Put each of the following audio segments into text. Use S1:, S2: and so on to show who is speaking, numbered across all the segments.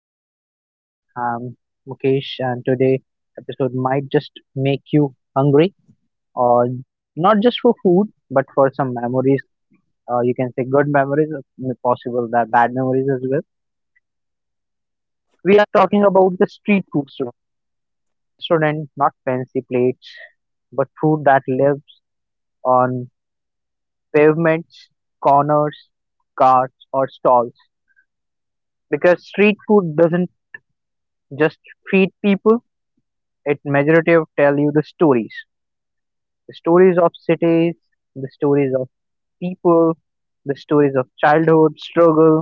S1: podcast. I'm Mukesh, and today episode might just make you hungry, or not just for food, but for some memories. You can say good memories, possible that bad memories as well. We are talking about the street food restaurant, not fancy plates, but food that lives on pavements, corners, carts, or stalls. Because street food doesn't just feed people; it majority of tell you the stories of cities, the stories of people, the stories of childhood struggle,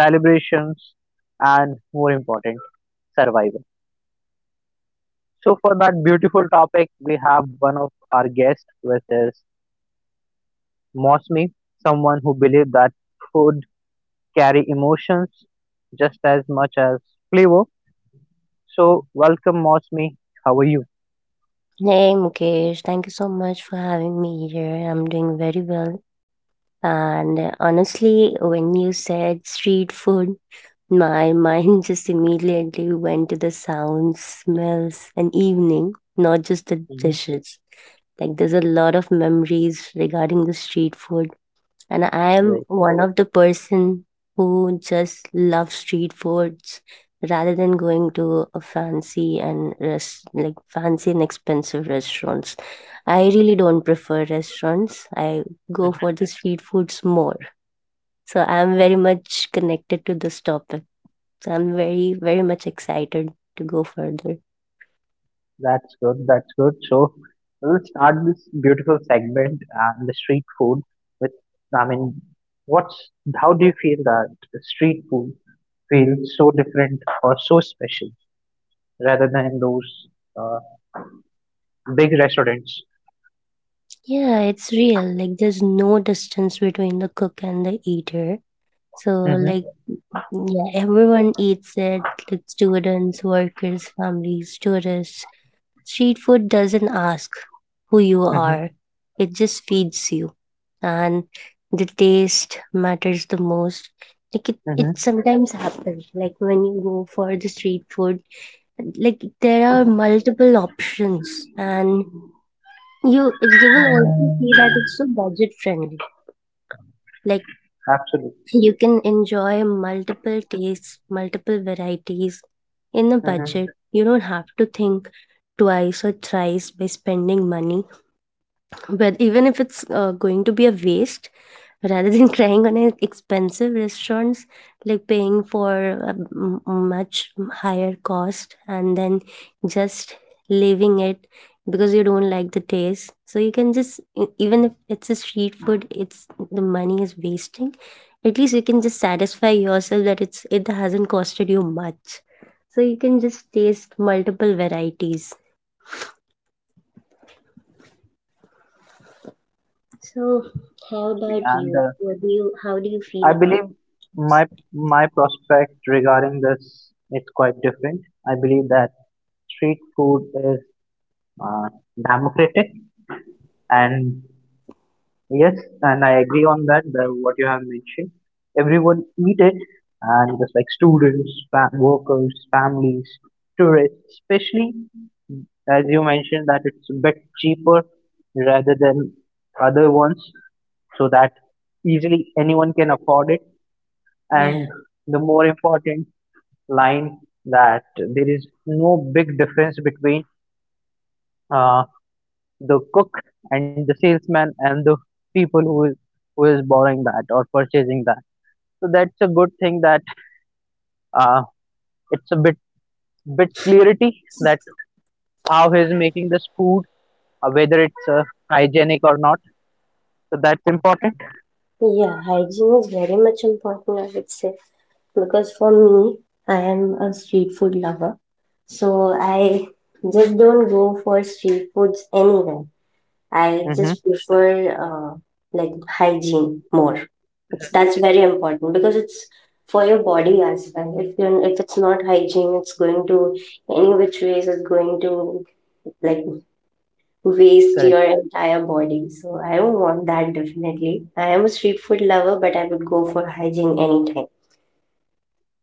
S1: celebrations, and more important, survival. So for that beautiful topic we have one of our guests, which is Mosmi, someone who believes that food carry emotions just as much as flavor. So welcome, Mosmi. How are you?
S2: Hey Mukesh, thank you so much for having me here. I'm doing very well. And honestly, when you said street food, my mind just immediately went to the sounds, smells, and evening, not just the
S1: Mhm.
S2: dishes. Like, there's a lot of memories regarding the street food and I am
S1: Right.
S2: one of the person who just love street foods rather than going to a fancy and like fancy and expensive restaurants. I really don't prefer restaurants. I go for the street foods more. So I'm very much connected to this topic. So I'm very much excited to go further.
S1: That's good. That's good. So we'll start this beautiful segment and the street food with, I mean, what's, how do you feel that the street food feels so different or so special rather than those uh, big restaurants?
S2: Yeah, it's real. Like there's no distance between the cook and the eater. So
S1: Mm-hmm,
S2: like yeah, everyone eats it, like students, workers, families, tourists. Street food doesn't ask who you
S1: mm-hmm,
S2: are, it just feeds you. And the taste matters the most. Like it sometimes happens, like when you go for the street food, like there are multiple options and you will also see
S1: mm-hmm.
S2: that it's so budget friendly. Like
S1: Absolutely.
S2: you can enjoy multiple tastes, multiple varieties in a
S1: Mm-hmm.
S2: budget. You don't have to think twice or thrice by spending money. But even if it's going to be a waste, rather than crying on an expensive restaurants like paying for a much higher cost and then just leaving it because you don't like the taste, so you can just even if it's a street food, it's the money is wasting, at least you can just satisfy yourself that it hasn't costed you much, so you can just taste multiple varieties. So,
S1: Absolutely agree,
S2: how
S1: Mosby.
S2: about
S1: And
S2: you? What do you? How do you feel
S1: I
S2: about
S1: believe
S2: this?
S1: my my prospect regarding this is quite different. I believe that street food uh, democratic, and yes, and I agree on that the, what you have mentioned, everyone eat it, and just like students, fa- workers, families, tourists especially, as you mentioned that it's a bit cheaper rather than other ones, so that easily anyone can afford it.
S2: Yeah.
S1: And the more important line, that there is no big difference between uh, the cook and the salesman and the people who is borrowing that or purchasing that. So that's a good thing that uh, it's a bit clarity that how he's making this food, whether it's hygienic or not. So that's important.
S2: Yeah, hygiene is very much important, I would say, because for me, I am a street food lover. So I just don't go for street foods anywhere. I just
S1: Hmm.
S2: prefer like hygiene more. That's very important because it's for your body as well. If you're, if it's not hygiene, it's going to, any which ways it's going to, like waste
S1: Correct.
S2: your entire body. So I don't want that definitely. I am a street food lover, but I would go for hygiene anytime.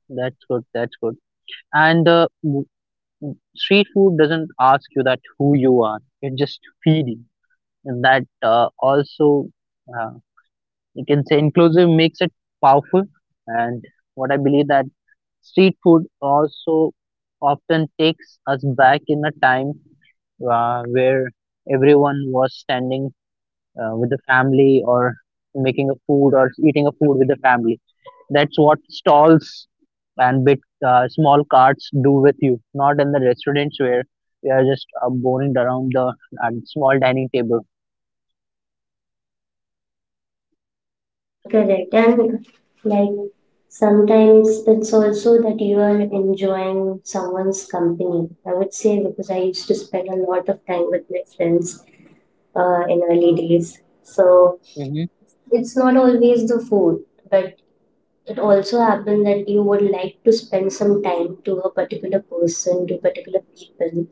S1: That's good. That's good. And street food doesn't ask you that who you are. It just feed you, and that also, uh, you can say inclusive, makes it powerful. And what I believe that street food also often takes us back in a time where everyone was standing with the family or making a food or eating a food with the family. That's what stalls and bit small carts do with you, not in the restaurants where we are just boring around the small dining table.
S2: Yeah, correct. And like sometimes it's also that you are enjoying someone's company. I would say, because I used to spend a lot of time with my friends in early days. So
S1: Mm-hmm.
S2: it's not always the food, but it also happened that you would like to spend some time to a particular person, to particular people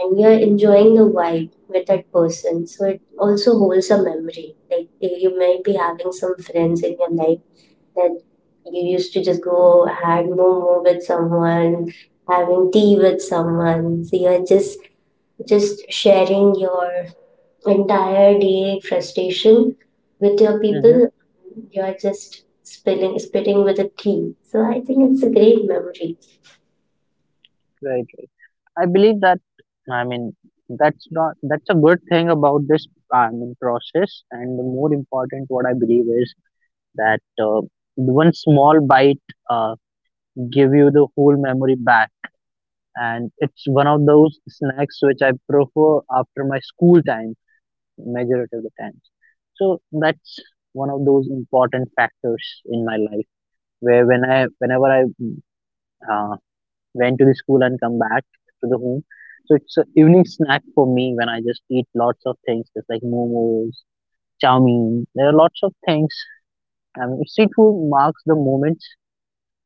S2: and you're enjoying the vibe with that person. So it also holds a memory. Like you might be having some friends in your life that you used to just go had momo with someone, having tea with someone. So you're just sharing your entire day frustration with your
S1: Mm-hmm.
S2: people. You're just spilling spitting with a tea. So I think it's a great memory.
S1: Right. I believe that, I mean that's not that's a good thing about this, process, and the more important what I believe is that one small bite uh, give you the whole memory back, and it's one of those snacks which I prefer after my school time majority of the times. So that's one of those important factors in my life where whenever I uh, went to the school and come back to the home. So it's an evening snack for me when I just eat lots of things, just like momos, chow mein. There are lots of things. I mean, street food marks the moments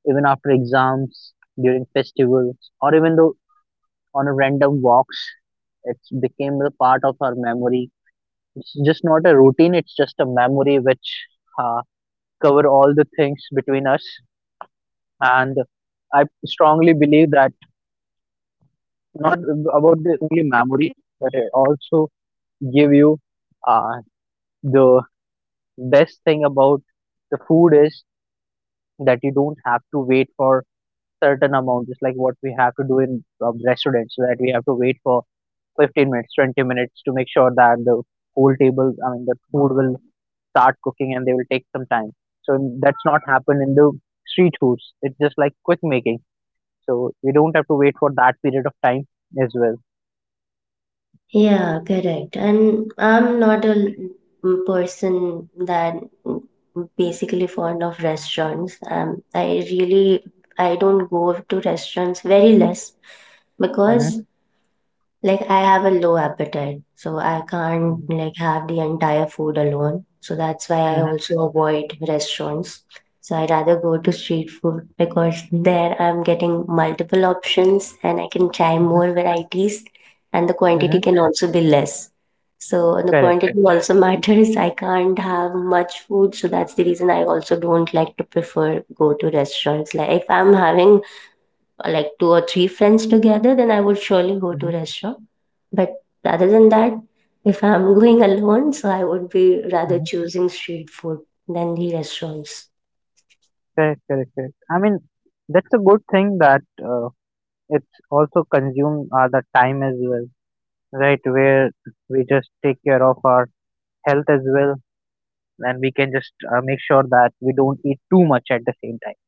S1: even after exams, during festivals, or even though on a random walks. It's became a part of our memory. It's just not a routine. It's just a memory which uh, cover all the things between us. And I strongly believe that not about the only memory, but it also give you uh, the best thing about the food is that you don't have to wait for certain amount, just like what we have to do in restaurants, that we have to wait for 15 minutes, 20 minutes to make sure that the whole table, I mean, the food will start cooking and they will take some time. So that's not happened in the street foods. It's just like quick making. So we don't have to wait for that period of time as well.
S2: Yeah, correct. And I'm not a person that m- basically fond of restaurants. I really, I don't go to restaurants very less because, like, I have a low appetite, so I
S1: Mm-hmm.
S2: can't like have the entire food alone. So that's why I also avoid restaurants. So I rather go to street food because there I'm getting multiple options and I can try
S1: Mhm,
S2: more varieties, and the
S1: mhm.
S2: quantity can also be less. So the
S1: Correct,
S2: quantity
S1: correct.
S2: also matters. I can't have much food, so that's the reason I also don't like to prefer go to restaurants. Like if I'm having, or like two or three friends together, then I would surely go to
S1: Mhm,
S2: restaurant. But rather than that, if I'm going alone, so I would be rather
S1: mhm.
S2: choosing street food than the restaurants.
S1: Correct, correct, correct. I mean, that's a good thing that it's also consume the time as well, right? Where we just take care of our health as well, and we can just make sure that we don't eat too much at the same time.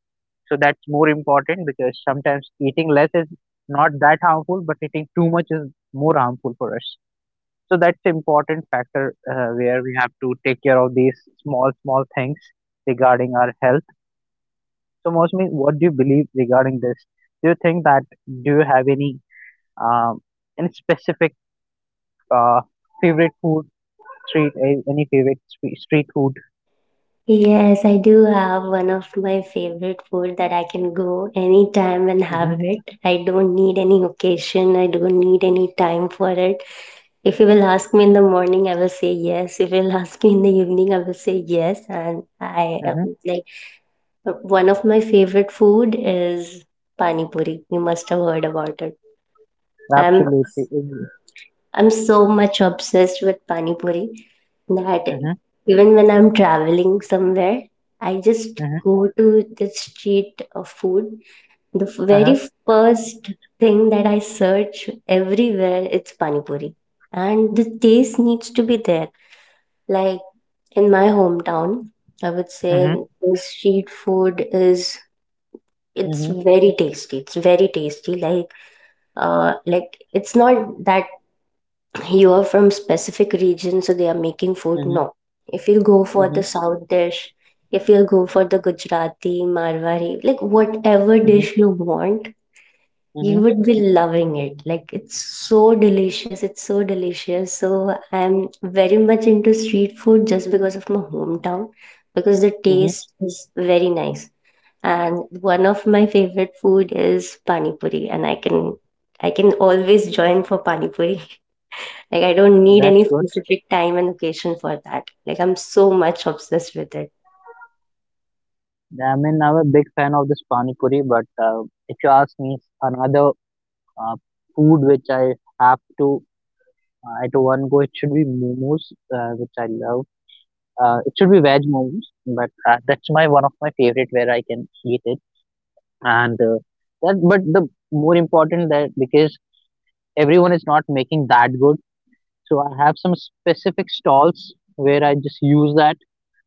S1: So that's more important because sometimes eating less is not that harmful, but eating too much is more harmful for us. So that's important factor where we have to take care of these small, small things regarding our health. So, Mosmi, what do you believe regarding this? Do you think that do you have um, any specific uh, favorite food, any favorite street food?
S2: Yes, I do have one of my favorite food that I can go anytime and
S1: Mm-hmm,
S2: have it. I don't need any occasion. I don't need any time for it. If you will ask me in the morning, I will say yes. If you will ask me in the evening, I will say yes. And I
S1: mm-hmm,
S2: like, one of my favorite food is pani puri. You must have heard about it. I'm
S1: absolutely. Mm-hmm,
S2: I'm so much obsessed with pani puri that even when I'm traveling somewhere, I just
S1: mm-hmm,
S2: go to the street of food. The
S1: uh-huh,
S2: very first thing that I search everywhere it's pani puri, and the taste needs to be there. Like in my hometown, I would say
S1: mm-hmm,
S2: the street food is, it's
S1: mm-hmm,
S2: very tasty. It's very tasty. Like it's not that you are from specific region, so they are making food.
S1: mm-hmm,
S2: No, if you'll go for
S1: mm-hmm,
S2: the South dish, if you'll go for the Gujarati, Marwari, like whatever
S1: mm-hmm,
S2: dish you want,
S1: mm-hmm,
S2: you would be loving it. Like, it's so delicious. It's so delicious. So I'm very much into street food just because of my hometown, because the
S1: mm-hmm.
S2: taste is very nice and one of my favorite food is pani puri and I can always join for pani puri. Like I don't need
S1: That's
S2: any
S1: good.
S2: specific time and occasion for that. Like I'm so much obsessed with it.
S1: I mean, I'm a big fan of this pani puri, but if you ask me, another uh, food which I have to at one go, it should be momos, which I love. It should be veg momos, but that's my one of my favorite where I can eat it. And that, but the more important that because everyone is not making that good, so I have some specific stalls where I just use that,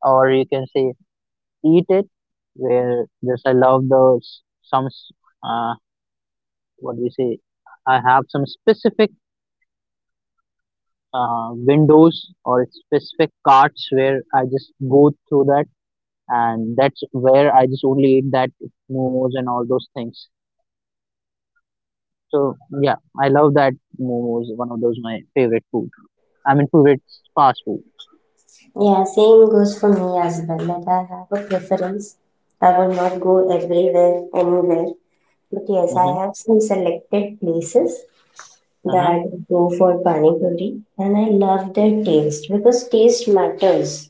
S1: or you can say eat it. Where just I love those uh, what do you say? I have some specific windows or specific carts where I just go through that, and that's where I just only eat that momos and all those things. So yeah, I love that momos. One of those my favorite food. I mean, favorite fast food.
S2: Yeah, same goes for me as well. Like I have a preference. I will not go everywhere, anywhere. But yes,
S1: Mm-hmm.
S2: I have some selected places
S1: Uh-huh.
S2: that go for pani puri, and I love their taste because taste matters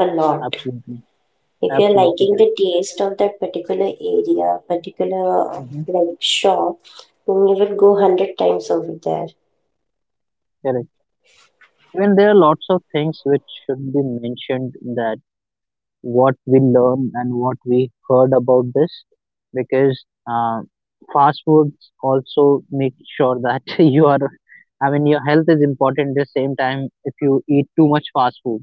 S2: a lot.
S1: Absolutely,
S2: If you're
S1: absolutely
S2: liking
S1: correct.
S2: the taste of that particular area, particular
S1: Mm-hmm.
S2: like shop, then you will go 100 times over there.
S1: Correct. Even there are lots of things which should be mentioned that what we learn and what we heard about this because uh, fast foods also make sure that you are, I mean, your health is important. At the same time, if you eat too much fast food,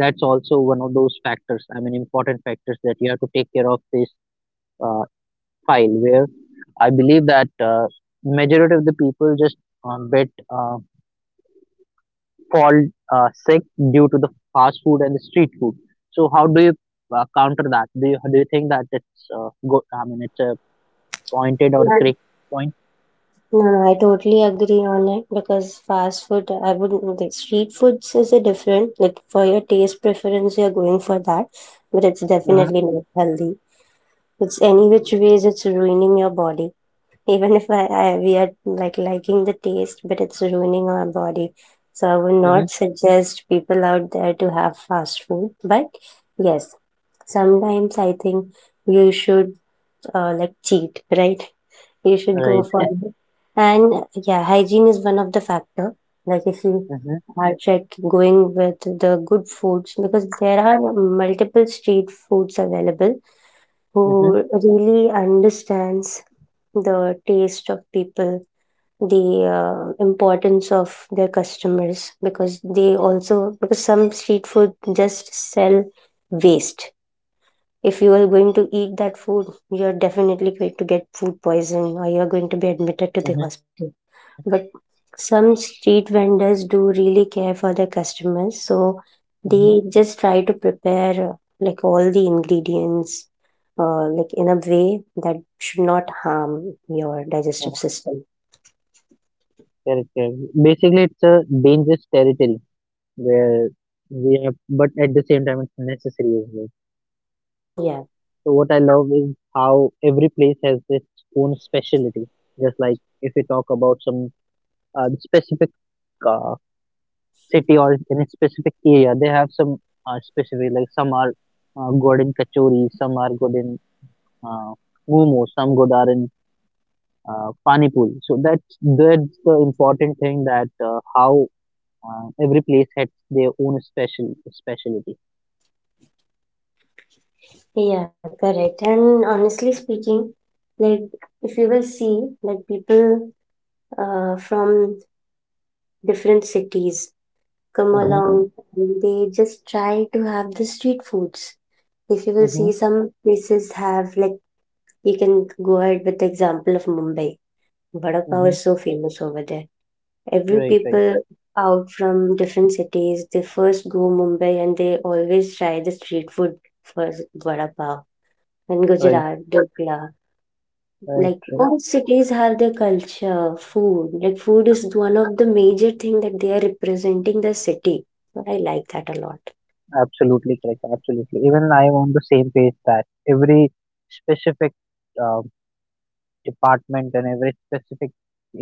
S1: that's also one of those factors, important factors, that you have to take care of this uh, file where I believe that majority of the people just bit fall sick due to the fast food and the street food. So how do you counter that? Do you think that it's good, I mean it's a pointed or
S2: Right.
S1: correct point?
S2: No, I totally agree on it because fast food, I wouldn't, like, street foods is a different, like, for your taste preference, you're going for that, but it's
S1: Uh-huh.
S2: definitely not healthy. It's any which ways it's ruining your body. Even if I we are like liking the taste, but it's ruining our body. So I would
S1: Hmm.
S2: not suggest people out there to have fast food. But yes, sometimes I think you should like cheat, right? You should go
S1: Right.
S2: for it. And yeah, hygiene is one of the factor. Like if you
S1: Hmm.
S2: are check going with the good foods, because there are multiple street foods available
S1: Hmm.
S2: who really understands the taste of people, the importance of their customers, because they also, because some street food just sell waste. If you are going to eat that food, you're definitely going to get food poisoning or you're going to be admitted to the
S1: Hmm.
S2: hospital. But some street vendors do really care for their customers, so
S1: Hmm.
S2: they just try to prepare like all the ingredients like in a way that should not harm your digestive system.
S1: Correct, correct. Basically, it's a dangerous territory where we have, but at the same time it's necessary as well.
S2: Yeah.
S1: So what I love is how every place has its own specialty. Just like if you talk about some specific uh, city or in a specific area, they have some specific, like some are good in kachori, some are good in uh, momo, some good are in pani puri. So that's the important thing, that how every place has their own specialty.
S2: Yeah, correct. And honestly speaking, like if you will see like people from different cities come
S1: Hmm.
S2: along and they just try to have the street foods. If you will see, some places have, like, you can go ahead with the example of Mumbai. Vada pav
S1: Hmm.
S2: is so famous over there. Every
S1: Right, right,
S2: people out from different cities, they first go Mumbai and they always try the street food first, vada pav. And
S1: right,
S2: Gujarat, dokla.
S1: right,
S2: Like
S1: right.
S2: all cities have their culture, food. Like food is one of the major thing that they are representing the city. So I like that a lot.
S1: Absolutely correct. Absolutely. Even I am on the same page that every specific uh, department and every specific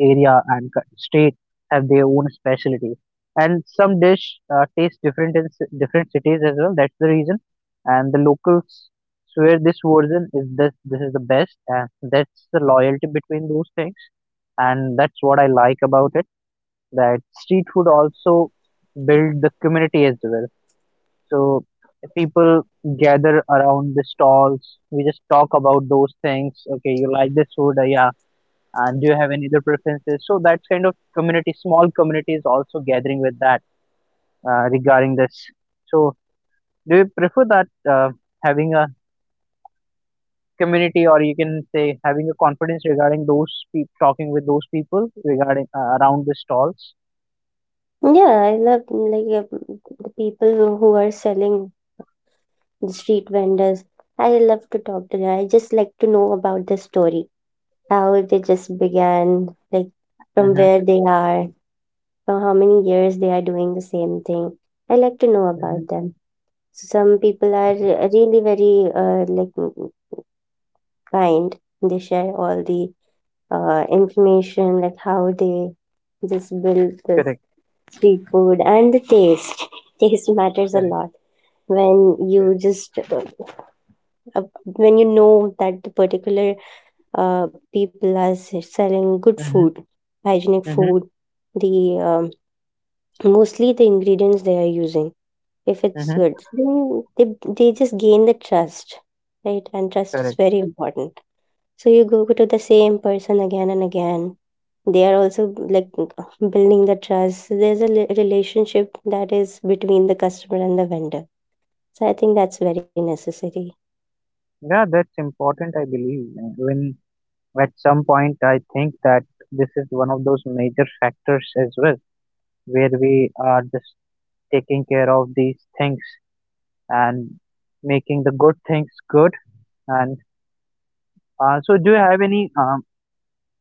S1: area and state have their own specialty. And some dish taste different in different cities as well. That's the reason. And the locals swear this version is this. This is the best, and that's the loyalty between those things. And that's what I like about it, that street food also build the community as well. So people gather around the stalls. We just talk about those things. Okay, you like this food, yeah. And do you have any other preferences? So that kind of community, small community is also gathering with that regarding this. So do you prefer that having a community, or you can say having a confidence regarding those talking with those people regarding around the stalls?
S2: Yeah, I love like the people who are selling, the street vendors. I love to talk to them. I just like to know about the story, how they just began, like from
S1: Mm-hmm,
S2: where they are, for how many years they are doing the same thing. I like to know
S1: mm-hmm.
S2: about them. Some people are
S1: Okay,
S2: really very like kind. They share all the information, like how they just build the
S1: correct,
S2: street food and the taste. Taste matters a
S1: correct,
S2: lot when
S1: correct.
S2: you just when you know that the particular people are selling good food,
S1: Mm-hmm.
S2: hygienic
S1: Mhm,
S2: food. The um, mostly the ingredients they are using, if it's
S1: mhm,
S2: good, then they just gain the trust, right? And trust is
S1: correct.
S2: very important. So you go to the same person again and again. They are also like building the trust. So there's a relationship that is between the customer and the vendor. So I think that's very necessary.
S1: Yeah, that's important, I believe. When at some point I think that this is one of those major factors as well, where we are just taking care of these things and making the good things good. And so, do you have any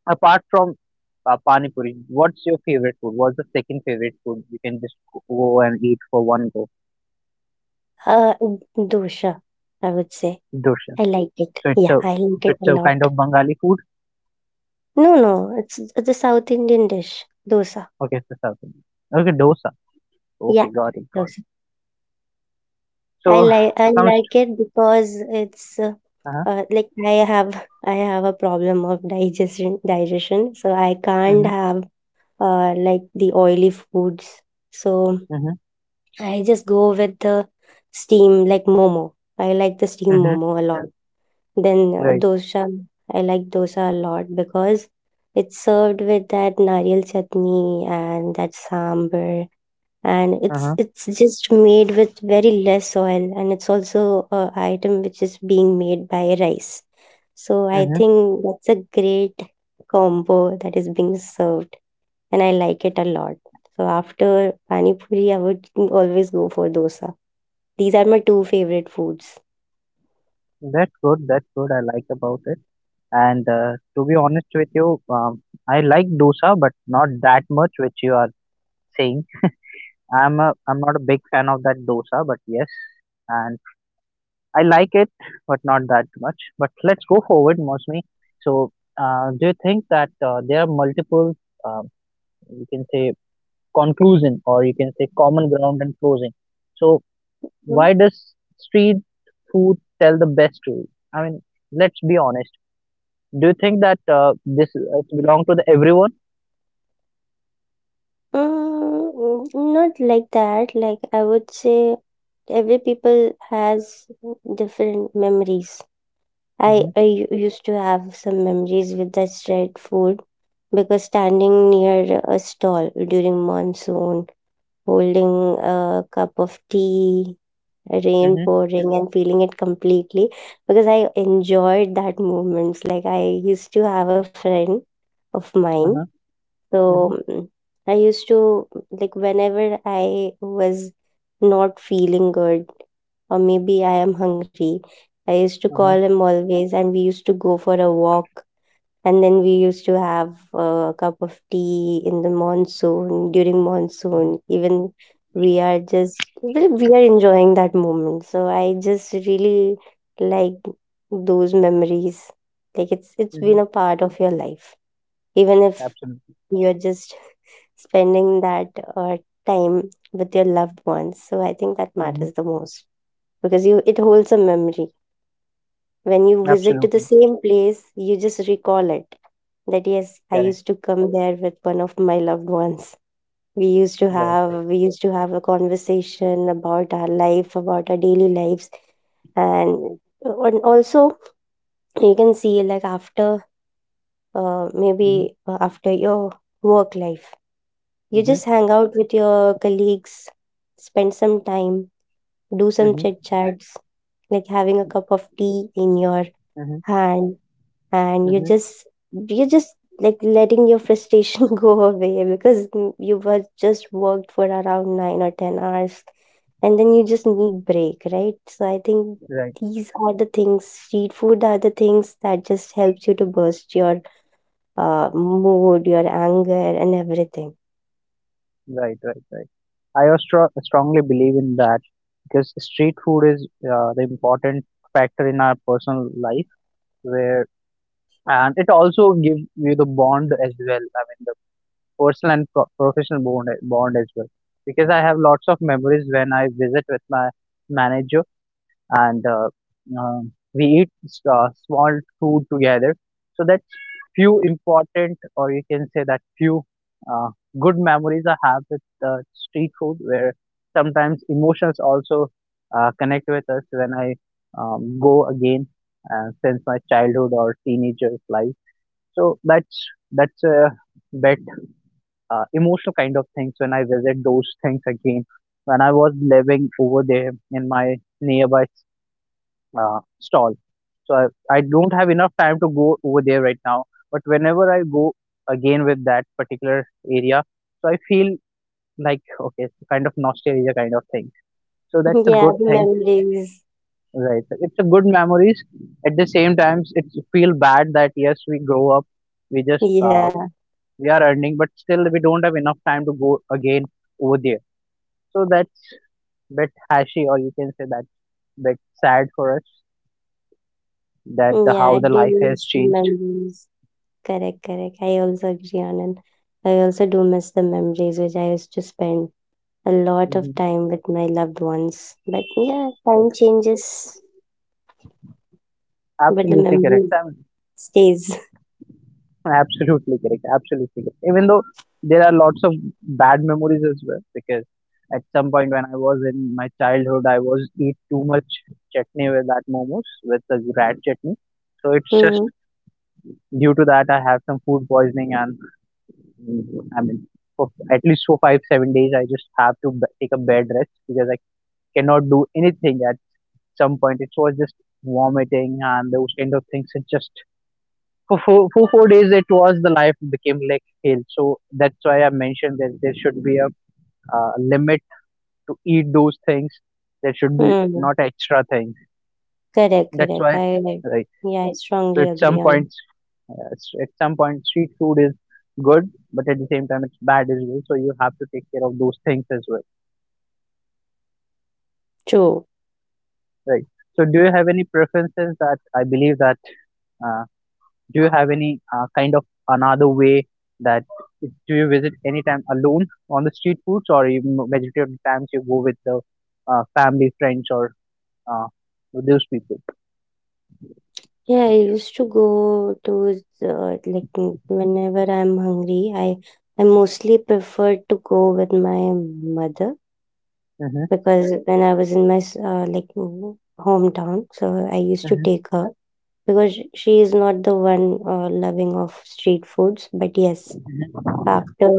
S1: apart from pani puri? What's your favorite food? What's the second favorite food you can just go and eat for one go?
S2: Uh, Dosha, I would say.
S1: Dosa.
S2: I like it.
S1: So it's
S2: Yeah,
S1: a,
S2: I like it
S1: it's
S2: a
S1: a
S2: lot.
S1: kind of Bengali food.
S2: No, no, it's a South Indian dish. Dosa.
S1: Okay, it's a South Indian. Okay, dosa.
S2: Yeah,
S1: Okay, got it, got it.
S2: dosa. I
S1: So
S2: like I
S1: comes
S2: like it because it's
S1: to uh-huh,
S2: like I have I have a problem of digestion, so I can't
S1: mhm,
S2: have like the oily foods. So
S1: mhm,
S2: I just go with the steam like momo. I like the steam
S1: mhm,
S2: momo a lot. Then
S1: right,
S2: dosa. I like dosa a lot because it's served with that nariyal chutney and that sambar, and it's
S1: uh-huh,
S2: it's just made with very less oil, and it's also a item which is being made by rice. So I
S1: mhm.
S2: think that's a great combo that is being served, and I like it a lot. So after pani puri I would always go for dosa. These are my two favorite foods.
S1: That's good. That's good. I like about it. And to be honest with you, I like dosa, but not that much, which you are saying. I'm not a big fan of that dosa, but yes, and I like it, but not that much. But let's go forward, Mosmi. So, do you think that there are multiple, um, you can say, conclusion, or you can say common ground and closing? So,
S2: Hmm.
S1: why does street food tell the best story? I mean, let's be honest. Do you think that this it belong to the everyone?
S2: mm, Not like that. Like I would say every people has different memories. I,
S1: Mm-hmm,
S2: I u- used to have some memories with that street food because standing near a stall during monsoon, holding a cup of tea, rain
S1: mm-hmm,
S2: pouring, and feeling it completely, because I enjoyed that moments. Like I used to have a friend of mine.
S1: uh-huh,
S2: So
S1: mm-hmm,
S2: I used to like whenever I was not feeling good or maybe I am hungry, I used to call
S1: uh-huh,
S2: him always and we used to go for a walk, and then we used to have a cup of tea in the monsoon, during
S1: mm-hmm,
S2: monsoon. Even we are enjoying that moment. So I just really like those memories. Like it's
S1: mm-hmm.
S2: been a part of your life, even if
S1: Absolutely.
S2: you're just spending that uh, time with your loved ones. So I think that
S1: Mm-hmm.
S2: matters the most, because you it holds a memory. When you visit to the
S1: Absolutely.
S2: same place you just recall it, that yes, I
S1: Correct.
S2: used to come there with one of my loved ones. we used to
S1: Right,
S2: have
S1: right.
S2: we used to have a conversation about our life, about our daily lives. And and also you can see, like after
S1: Mm-hmm,
S2: maybe after your work life, you
S1: mm-hmm,
S2: just hang out with your colleagues, spend some time, do some
S1: mm-hmm,
S2: chit chats, like having a cup of tea in your
S1: mm-hmm,
S2: hand, and
S1: mm-hmm.
S2: you just like letting your frustration go away, because you were just worked for around 9 or 10 hours, and then you just need break, right? So I think
S1: Right,
S2: these are the things. Street food are the things that just helps you to burst your mood, your anger, and everything.
S1: right, right, right. I also strongly believe in that because street food is the important factor in our personal life, where and it also gives you the bond as well. I mean, personal and professional bond as well. Because I have lots of memories when I visit with my manager and we eat small food together. So that's few important, or you can say that few uh, good memories I have with street food, where sometimes emotions also connect with us when I go again since my childhood or teenager's life. So that's a bet emotional kind of things when I visit those things again. When I was living over there in my nearby stall, so I don't have enough time to go over there right now. But whenever I go again with that particular area, so I feel like okay, it's kind of nostalgia kind of thing. So that's a good
S2: Yeah, the
S1: thing,
S2: memories.
S1: right? It's a good memories. At the same times, it's feel bad that yes, we grow up, we just
S2: Yeah,
S1: we are earning, but still we don't have enough time to go again over there. So that's bit hashy, or you can say that's bit sad for us that the,
S2: yeah,
S1: how
S2: I
S1: the
S2: Do
S1: life has
S2: miss the
S1: changed.
S2: memories. Correct, correct. I also agree on it. I also do miss the memories, which I used to spend a lot of
S1: Hmm.
S2: time with my loved ones. But yeah,
S1: Yes,
S2: time changes, but the
S1: absolutely correct.
S2: memory
S1: I
S2: stays.
S1: absolutely correct. Absolutely correct. Even though there are lots of bad memories as well, because at some point when I was in my childhood, I was eat too much chutney with that momos with the rat chutney. So it's just
S2: Mm,
S1: due to that I have some food poisoning and I mean for at least for 5-7 days I just have to take a bed rest because I cannot do anything at some point. It was just vomiting and those kind of things. It just for 4 days it was the life became like hell. So that's why I mentioned that there should be a limit to eat those things. There should be
S2: mm.
S1: not extra things.
S2: Correct,
S1: That's
S2: correct.
S1: why,
S2: I,
S1: right.
S2: yeah, I
S1: So
S2: strongly
S1: at some
S2: agree on it.
S1: points, at some point street food is good, but at the same time it's bad as well. So you have to take care of those things as well,
S2: True.
S1: right? So do you have any preferences that I believe that? uh, Do you have any kind of another way that do you visit anytime alone on the street foods, or you, majority of the times you go with the family, friends, or uh, with those people?
S2: Yeah, I used to go to the, like whenever I'm hungry, I mostly prefer to go with my mother,
S1: Mhm,
S2: because when I was in my like hometown, so I used to
S1: mhm,
S2: take her, because she is not the one loving of street foods. But yes, after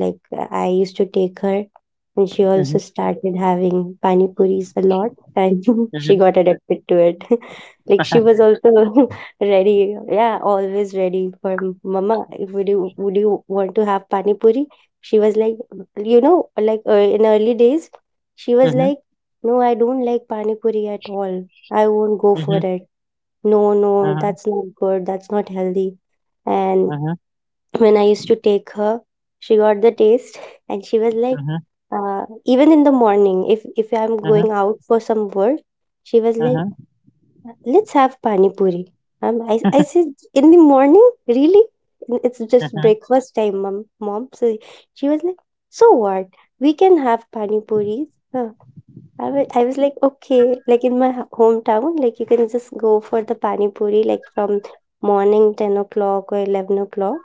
S2: like I used to take her, and she also
S1: mhm,
S2: started having pani puris a lot, and she
S1: mhm,
S2: got addicted to it. Like she was also ready, yeah, always ready for, "M- mama. Would you want to have pani puri?" She was like, you know, like in early days, she was
S1: mhm,
S2: like, "No, I don't like pani puri at all. I won't go for
S1: mhm,
S2: it. No, no,
S1: mhm,
S2: that's not good. That's not healthy." And
S1: mhm,
S2: when I used to take her, she got the taste, and she was like,
S1: mhm,
S2: even in the morning, if I'm going out for some work, she was
S1: mhm,
S2: like,
S1: mhm.
S2: "Let's have pani puri." I said, "In the morning? Really? N- it's just breakfast time, mom. So she was like, "So what? We can have pani puris." uh, I was like, okay, like in my hometown, like you can just go for the pani puri like from morning 10 o'clock or 11 o'clock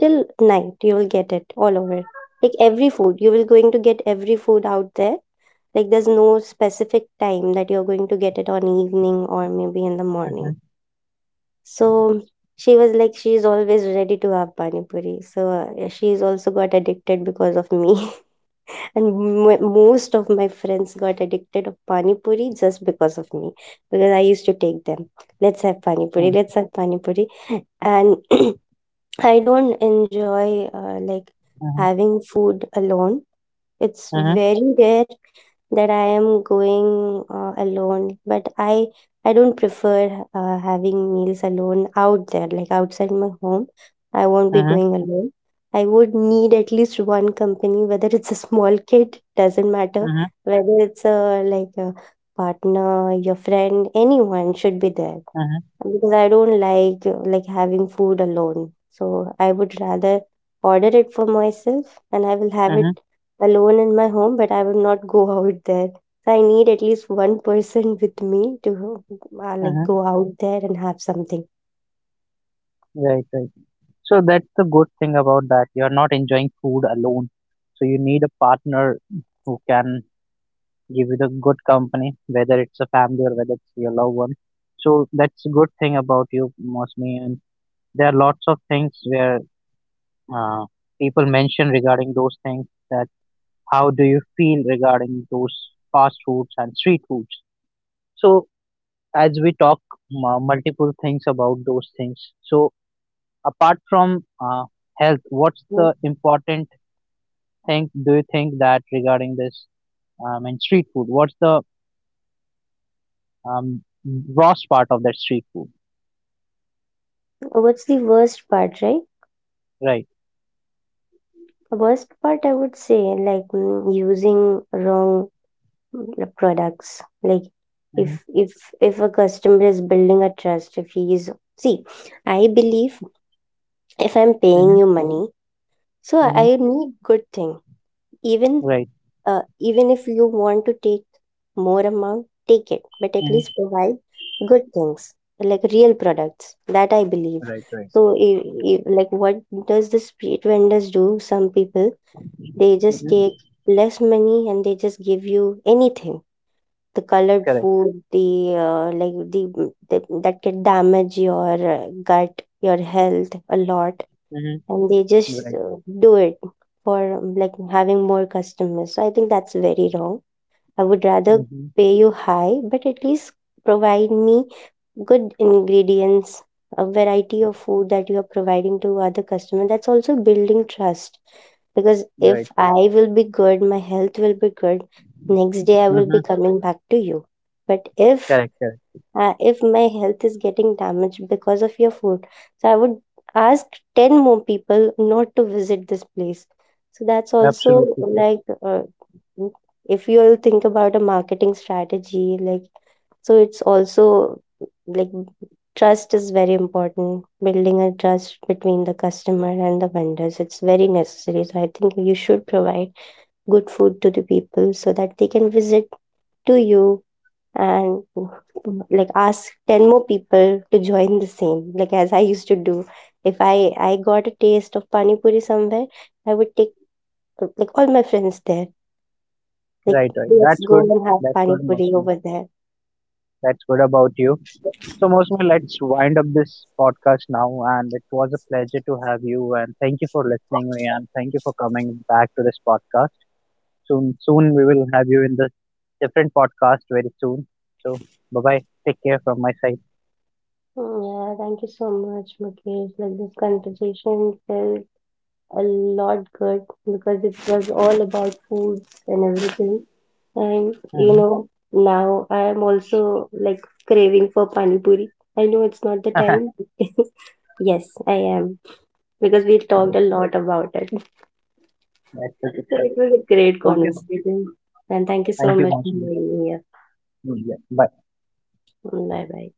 S2: till night. You will get it all over. Like every food, you will going to get every food out there. Like there's no specific time that you're going to get it on evening or maybe in the morning. So she was like, she's always ready to have pani puri. So she's also got addicted because of me. and most of my friends got addicted of pani puri just because of me, because I used to take them, "Let's have pani puri, let's have pani puri." And I don't enjoy like having food alone. It's very rare that I am going alone, but I don't prefer having meals alone out there, like outside my home. I won't be going alone. I would need at least one company, whether it's a small kid, doesn't matter, whether it's a like a partner, your friend, anyone should be there, because I don't like having food alone. So I would rather order it for myself, and I will have it alone in my home, but I will not go out there. So I need at least one person with me to like go out there and have something.
S1: Right, right. So that's the good thing about that. You're not enjoying food alone. So you need a partner who can give you the good company, whether it's a family or whether it's your loved one. So that's a good thing about you, Mosmi. And there are lots of things where uh, people mention regarding those things that how do you feel regarding those fast foods and street foods. So as we talk multiple things about those things, so apart from health, what's
S2: Mm.
S1: the important thing do you think that regarding this and street food? What's the um, gross part of that street food?
S2: What's the worst part, right?
S1: Right.
S2: The worst part I would say, like using wrong products. Like
S1: Mm-hmm.
S2: if if if a customer is building a trust, if he is, see, I believe if I'm paying
S1: Mm-hmm.
S2: you money, so
S1: Mm-hmm.
S2: I need good thing, even
S1: Right.
S2: uh, even if you want to take more amount, take it, but at least
S1: Mm-hmm.
S2: provide good things, like real products, that I believe.
S1: Right. Right.
S2: So if, like what does the street vendors do, some people, they just take
S1: Mm-hmm.
S2: less money and they just give you anything, the colored
S1: Correct.
S2: food, the like the that can damage your gut, your health a lot,
S1: Mm-hmm.
S2: and they just
S1: Right.
S2: do it for like having more customers. So I think that's very wrong. I would rather
S1: Mm-hmm.
S2: pay you high, but at least provide me good ingredients, a variety of food that you are providing to other customer. That's also building trust, because
S1: Right.
S2: if
S1: Right.
S2: I will be good, my health will be good. Next day I will
S1: Mm-hmm.
S2: be coming back to you. But
S1: Correct. Correct.
S2: if my health is getting damaged because of your food. So I would ask 10 more people not to visit this place. So that's also
S1: Absolutely correct.
S2: like uh, mm, if you'll think about a marketing strategy, like, so it's also like trust is very important. Building a trust between the customer and the vendors, it's very necessary. So I think you should provide good food to the people so that they can visit to you, and like ask 10 more people to join the same, like as I used to do. If I got a taste of pani puri somewhere, I would take like all my friends there, like,
S1: Right. Right.
S2: "Let's
S1: That's
S2: go
S1: good.
S2: and have
S1: That's
S2: pani
S1: good,
S2: puri
S1: Mosmi.
S2: over there."
S1: That's good about you. So, Mosmi, let's wind up this podcast now. And it was a pleasure to have you. And thank you for listening me. And thank you for coming back to this podcast. Soon we will have you in the different podcast very soon. So, bye bye. Take care from my side.
S2: Yeah, thank you so much, Mukesh. Like this conversation felt a lot good, because it was all about foods and everything, and you
S1: Mm-hmm.
S2: know, now I am also like craving for pani puri. I know it's not the time. Yes, I am. Because we
S1: Yes,
S2: talked a lot about it.
S1: that's a
S2: So
S1: good.
S2: it was a great
S1: okay.
S2: conversation. And thank you so
S1: thank you so
S2: much
S1: much.
S2: for being here.
S1: Bye.
S2: Bye bye.